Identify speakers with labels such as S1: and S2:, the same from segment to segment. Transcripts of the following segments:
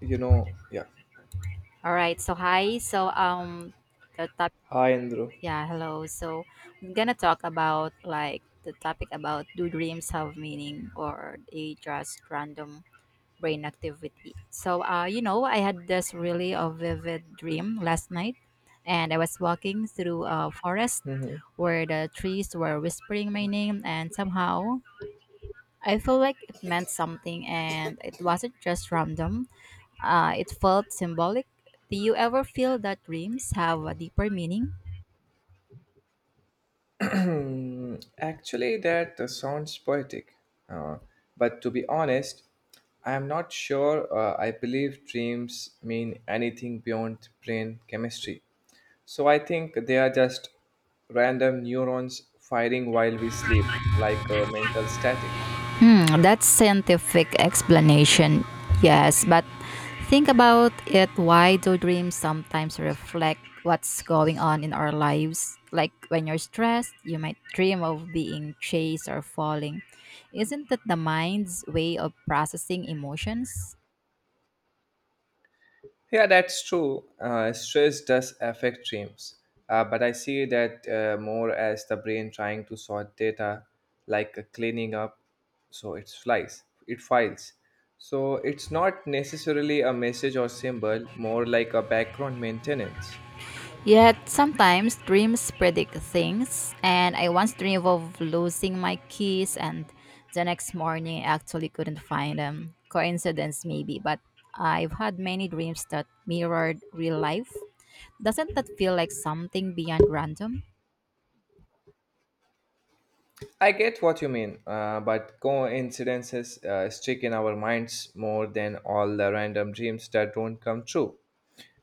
S1: Yeah.
S2: All right. So hi. So the top,
S1: Hi, Andrew.
S2: yeah, hello. So I'm gonna talk about like the topic about do dreams have meaning or they just random brain activity. So you know I had this really a vivid dream last night and I was walking through a forest
S1: Mhm.
S2: where the trees were whispering my name, and somehow I felt like it meant something and it wasn't just random. It felt symbolic. Do you ever feel that dreams have a deeper meaning?
S1: Hmm, actually that sounds poetic. uh, but to be honest, I am not sure I believe dreams mean anything beyond brain chemistry. So I think they are just random neurons firing while we sleep, like mental static.
S2: Hmm, that's scientific explanation. Yes, but think about it. Why do dreams sometimes reflect what's going on in our lives? Like when you're stressed, you might dream of being chased or falling. Isn't that the mind's way of processing emotions?
S1: Yeah, that's true. Stress does affect dreams, but I see that more as the brain trying to sort data, like cleaning up, so it flies, it files. So it's not necessarily a message or symbol, more like a background maintenance.
S2: Yet sometimes dreams predict things, and I once dreamed of losing my keys, and the next morning I actually couldn't find them. Coincidence, maybe, but I've had many dreams that mirrored real life. Doesn't that feel like something beyond random?
S1: I get what you mean, but coincidences stick in our minds more than all the random dreams that don't come true.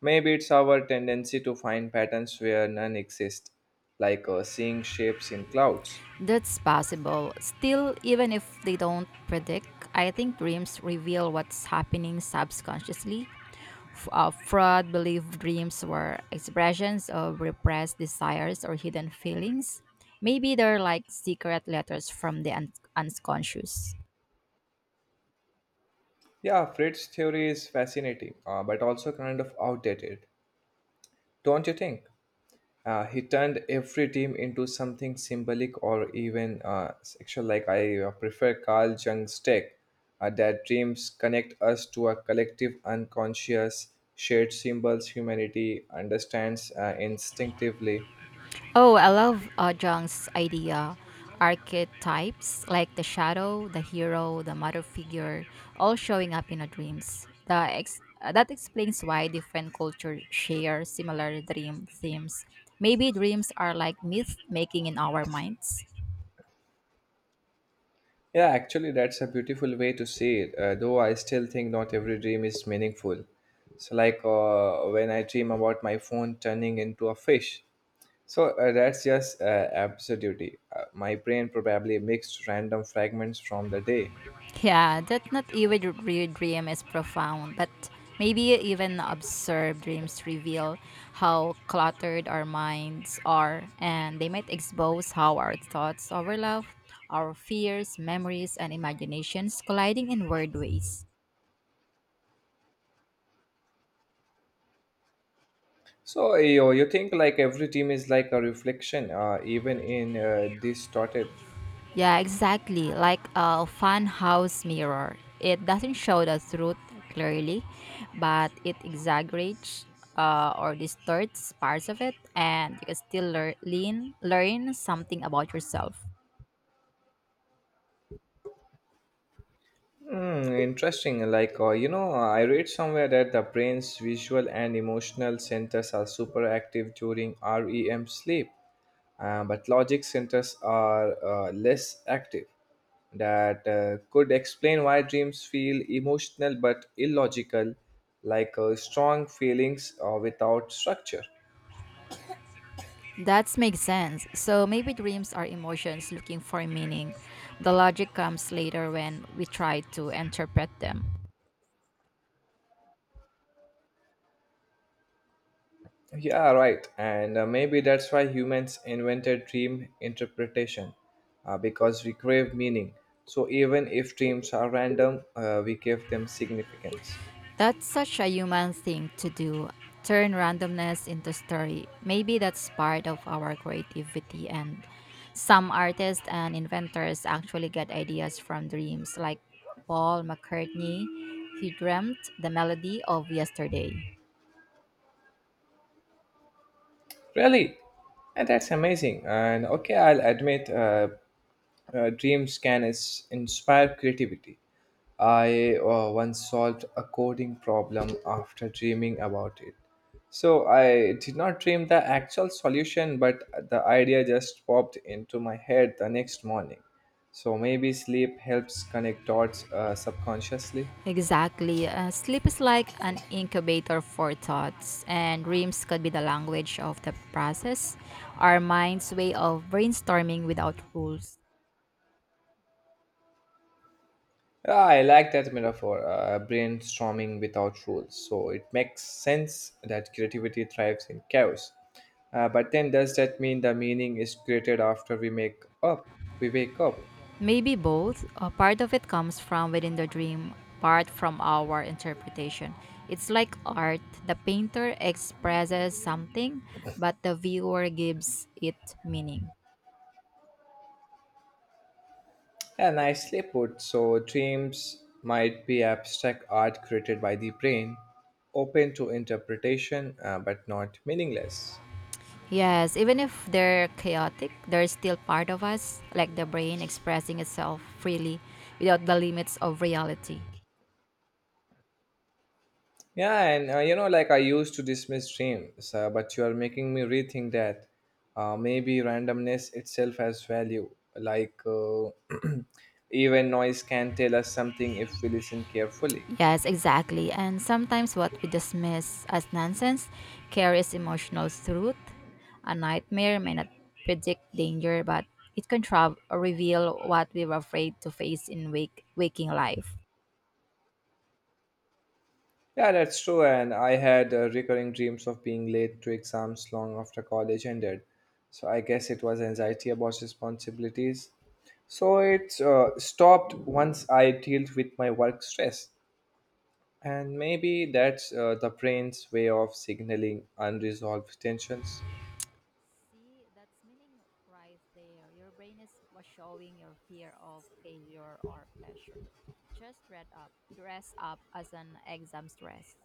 S1: Maybe it's our tendency to find patterns where none exist, like seeing shapes in clouds.
S2: That's possible. Still, even if they don't predict, I think dreams reveal what's happening subconsciously. Freud believed dreams were expressions of repressed desires or hidden feelings. Maybe they're like secret letters from the unconscious.
S1: Yeah, Fritz theory is fascinating, but also kind of outdated, don't you think? He turned every team into something symbolic or even sexual, like I prefer Carl Jung's take, that dreams connect us to a collective unconscious, shared symbols humanity understands instinctively.
S2: Oh, I love Jung's idea. Archetypes like the shadow, the hero, the mother figure, all showing up in our dreams. That explains why different cultures share similar dream themes. Maybe dreams are like myth making in our minds.
S1: Yeah, actually, that's a beautiful way to see it, though I still think not every dream is meaningful. So, like when I dream about my phone turning into a fish. So, that's just absurdity. My brain probably mixed random fragments from the day.
S2: Yeah, that not even real dream is profound, but maybe even observed dreams reveal how cluttered our minds are, and they might expose how our thoughts overlap, our fears, memories, and imaginations colliding in weird ways.
S1: So, you think like every dream is like a reflection, even in distorted.
S2: Yeah, exactly. Like a funhouse mirror. It doesn't show the truth clearly, but it exaggerates or distorts parts of it, and you can still learn something about yourself.
S1: Hmm, interesting. Like, I read somewhere that the brain's visual and emotional centers are super active during REM sleep, but logic centers are less active. That could explain why dreams feel emotional but illogical, like strong feelings without structure.
S2: That makes sense. So maybe dreams are emotions looking for meaning. The logic comes later when we try to interpret them.
S1: Yeah, right. And maybe that's why humans invented dream interpretation, because we crave meaning. So even if dreams are random, we give them significance.
S2: That's such a human thing to do. Turn randomness into story. Maybe that's part of our creativity, and some artists and inventors actually get ideas from dreams like Paul McCartney. He dreamt the melody of yesterday.
S1: Really? And that's amazing. And okay, I'll admit dreams can is inspire creativity. I once solved a coding problem after dreaming about it. So I did not dream the actual solution, but the idea just popped into my head the next morning. So maybe sleep helps connect dots subconsciously.
S2: Exactly. Sleep is like an incubator for thoughts, and dreams could be the language of the process, our mind's way of brainstorming without rules.
S1: Ah, I like that metaphor, brainstorming without rules. So it makes sense that creativity thrives in chaos. But then, does that mean the meaning is created after we make up? We wake up.
S2: Maybe both. A part of it comes from within the dream, part from our interpretation. It's like art. The painter expresses something, but the viewer gives it meaning.
S1: Yeah, nicely put. So dreams might be abstract art created by the brain, open to interpretation, but not meaningless.
S2: Yes, even if they're chaotic, there's still part of us, like the brain, expressing itself freely without the limits of reality.
S1: Yeah, and like I used to dismiss dreams, but you are making me rethink that. Maybe randomness itself has value. Like even noise can tell us something if we listen carefully.
S2: Yes, exactly. And sometimes what we dismiss as nonsense carries emotional truth. A nightmare may not predict danger, but it can reveal what we were afraid to face in waking life.
S1: Yeah, that's true. And I had recurring dreams of being late to exams long after college ended. So I guess it was anxiety about responsibilities. So it stopped once I dealt with my work stress. And maybe that's the brain's way of signaling unresolved tensions.
S2: See, that's meaning right there. Your brain is was showing your fear of failure or pressure. Just read up, dress up as an exam stress.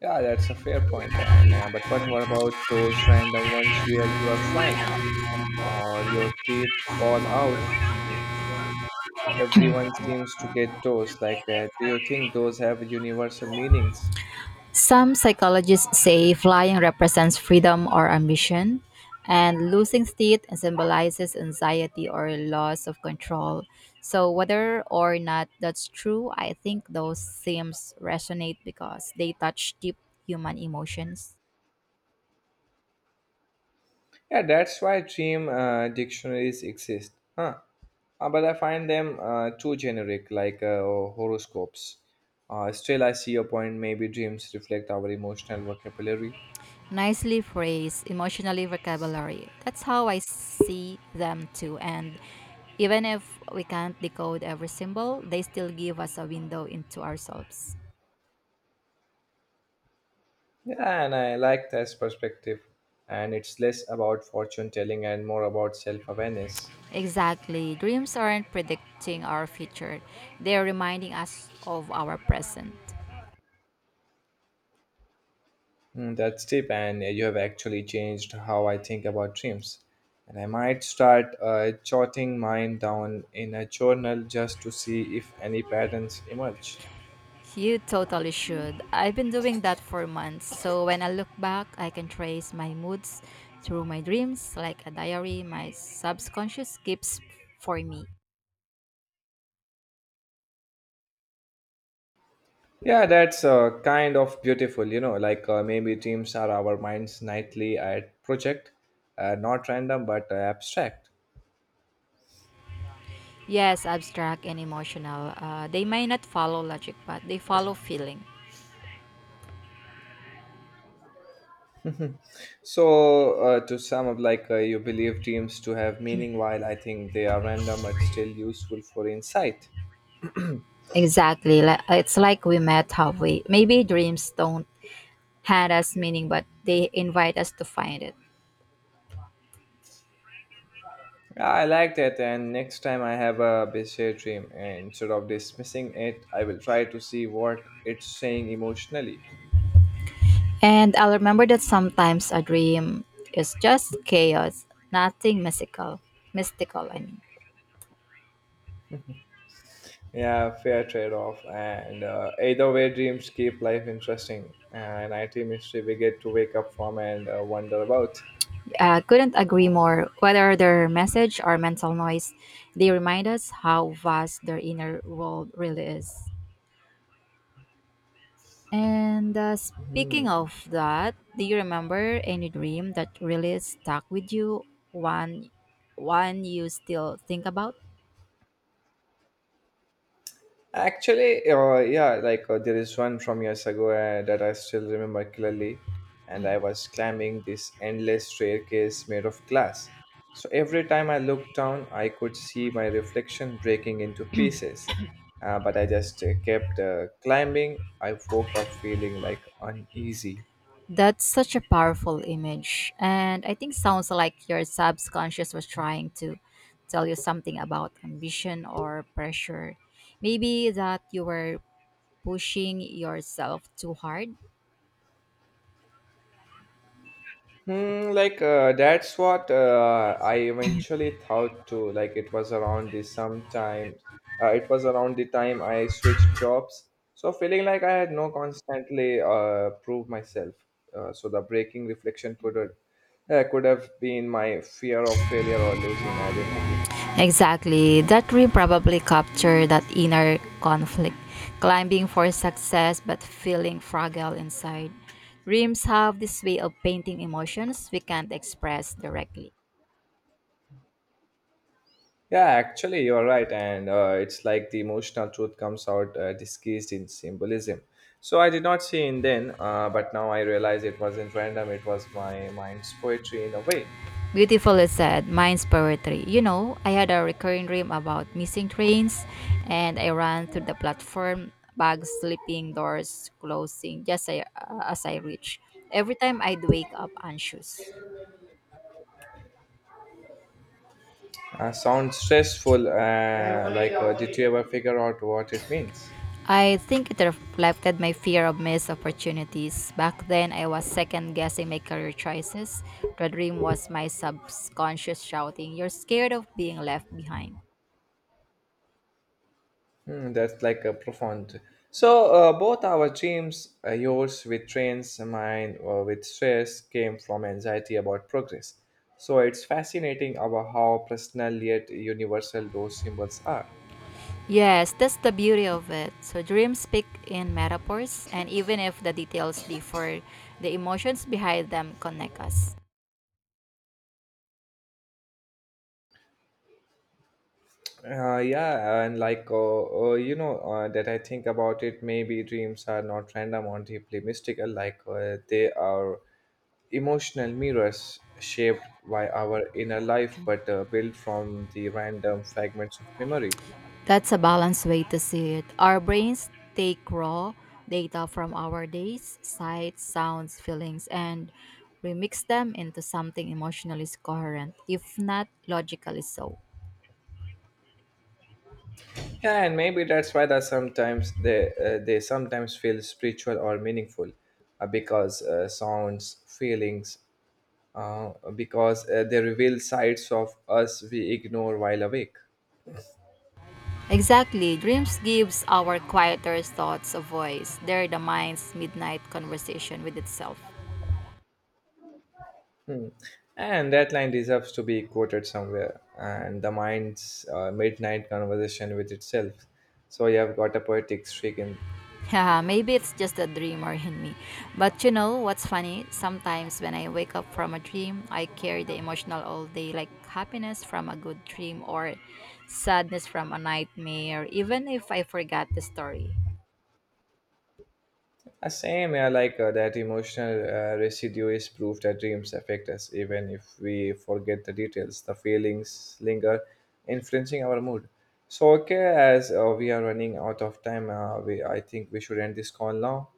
S1: Yeah, that's a fair point. And but what about those random ones where you are flying or your teeth fall out? Everyone seems to get those. Like, do you think those have universal meanings?
S2: Some psychologists say flying represents freedom or ambition, and losing it symbolizes anxiety or loss of control. So whether or not that's true, I think those themes resonate because they touch deep human emotions.
S1: Yeah, that's why dream dictionaries exist, huh? But I find them too generic, like horoscopes. Still, I see your point. Maybe dreams reflect our emotional vocabulary.
S2: Nicely phrased, emotionally vocabulary. That's how I see them too. And even if we can't decode every symbol, they still give us a window into ourselves.
S1: Yeah, and I like this perspective. And it's less about fortune telling and more about self awareness.
S2: Exactly. Dreams aren't predicting our future, they're reminding us of our present.
S1: Mm, that's deep, and you have actually changed how I think about dreams. And I might start jotting mine down in a journal just to see if any patterns emerge.
S2: You totally should. I've been doing that for months, so when I look back, I can trace my moods through my dreams like a diary my subconscious keeps for me.
S1: Yeah, that's kind of beautiful, like maybe dreams are our minds nightly at project, not random but abstract.
S2: Yes, abstract and emotional. They may not follow logic, but they follow feeling.
S1: So, to sum up, like you believe dreams to have meaning, while I think they are random but still useful for insight.
S2: Exactly. It's like we met halfway. Maybe dreams don't hand us meaning, but they invite us to find it.
S1: Yeah, I like that, and next time I have a bizarre dream, and instead of dismissing it, I will try to see what it's saying emotionally.
S2: And I'll remember that sometimes a dream is just chaos, nothing mystical. Mystical, I mean.
S1: Yeah, fair trade off. And either way, dreams keep life interesting. And IT mystery we get to wake up from and wonder about.
S2: I couldn't agree more. Whether their message or mental noise, they remind us how vast their inner world really is. And speaking of that, do you remember any dream that really stuck with you? One, one you still think about?
S1: Actually, yeah, like there is one from years ago that I still remember clearly. And I was climbing this endless staircase made of glass. So every time I looked down, I could see my reflection breaking into pieces. But I just kept climbing. I woke up feeling like uneasy.
S2: That's such a powerful image. And I think sounds like your subconscious was trying to tell you something about ambition or pressure. Maybe that you were pushing yourself too hard.
S1: Hmm, like that's what I eventually thought too. Like it was around the sometime, it was around the time I switched jobs. So feeling like I had no constantly prove myself. So the breaking reflection could have been my fear of failure or losing identity.
S2: Exactly. That dream probably captured that inner conflict, climbing for success but feeling fragile inside. Dreams have this way of painting emotions we can't express directly.
S1: Yeah, actually, you're right. And it's like the emotional truth comes out disguised in symbolism. So I did not see in then, but now I realize it wasn't random. It was my mind's poetry in a way.
S2: Beautifully said, mine's poetry. You know, I had a recurring dream about missing trains, and I ran to the platform, bags slipping, doors closing, just as I reached. Every time I'd wake up anxious.
S1: Sounds stressful. Like, did you ever figure out what it means?
S2: I think it reflected my fear of missed opportunities. Back then, I was second guessing my career choices. The dream was my subconscious shouting, You're scared of being left behind.
S1: Hmm, that's like a profound. So both our dreams, yours with trains, mine with stress, came from anxiety about progress. So it's fascinating about how personal yet universal those symbols are.
S2: Yes, that's the beauty of it. So dreams speak in metaphors, and even if the details differ, the emotions behind them connect us.
S1: Yeah, and like that I think about it, maybe dreams are not random or deeply mystical. Like they are emotional mirrors shaped by our inner life, but built from the random fragments of memory.
S2: That's a balanced way to see it. Our brains take raw data from our days, sights, sounds, feelings, and remix them into something emotionally coherent, if not logically so.
S1: Yeah, and maybe that's why that sometimes they sometimes feel spiritual or meaningful, uh, because uh, sounds, feelings, because they reveal sides of us we ignore while awake.
S2: Exactly, dreams gives our quieter thoughts a voice. They're the mind's midnight conversation with itself.
S1: And that line deserves to be quoted somewhere. And the mind's midnight conversation with itself. So you have got a poetic streak in.
S2: Yeah, maybe it's just a dreamer in me. But you know what's funny? Sometimes when I wake up from a dream, I carry the emotional all day, like happiness from a good dream or sadness from a nightmare, even if I forgot the story.
S1: Same, yeah, like that emotional residue is proof that dreams affect us, even if we forget the details. The feelings linger, influencing our mood. So, okay, as we are running out of time, I think we should end this call now.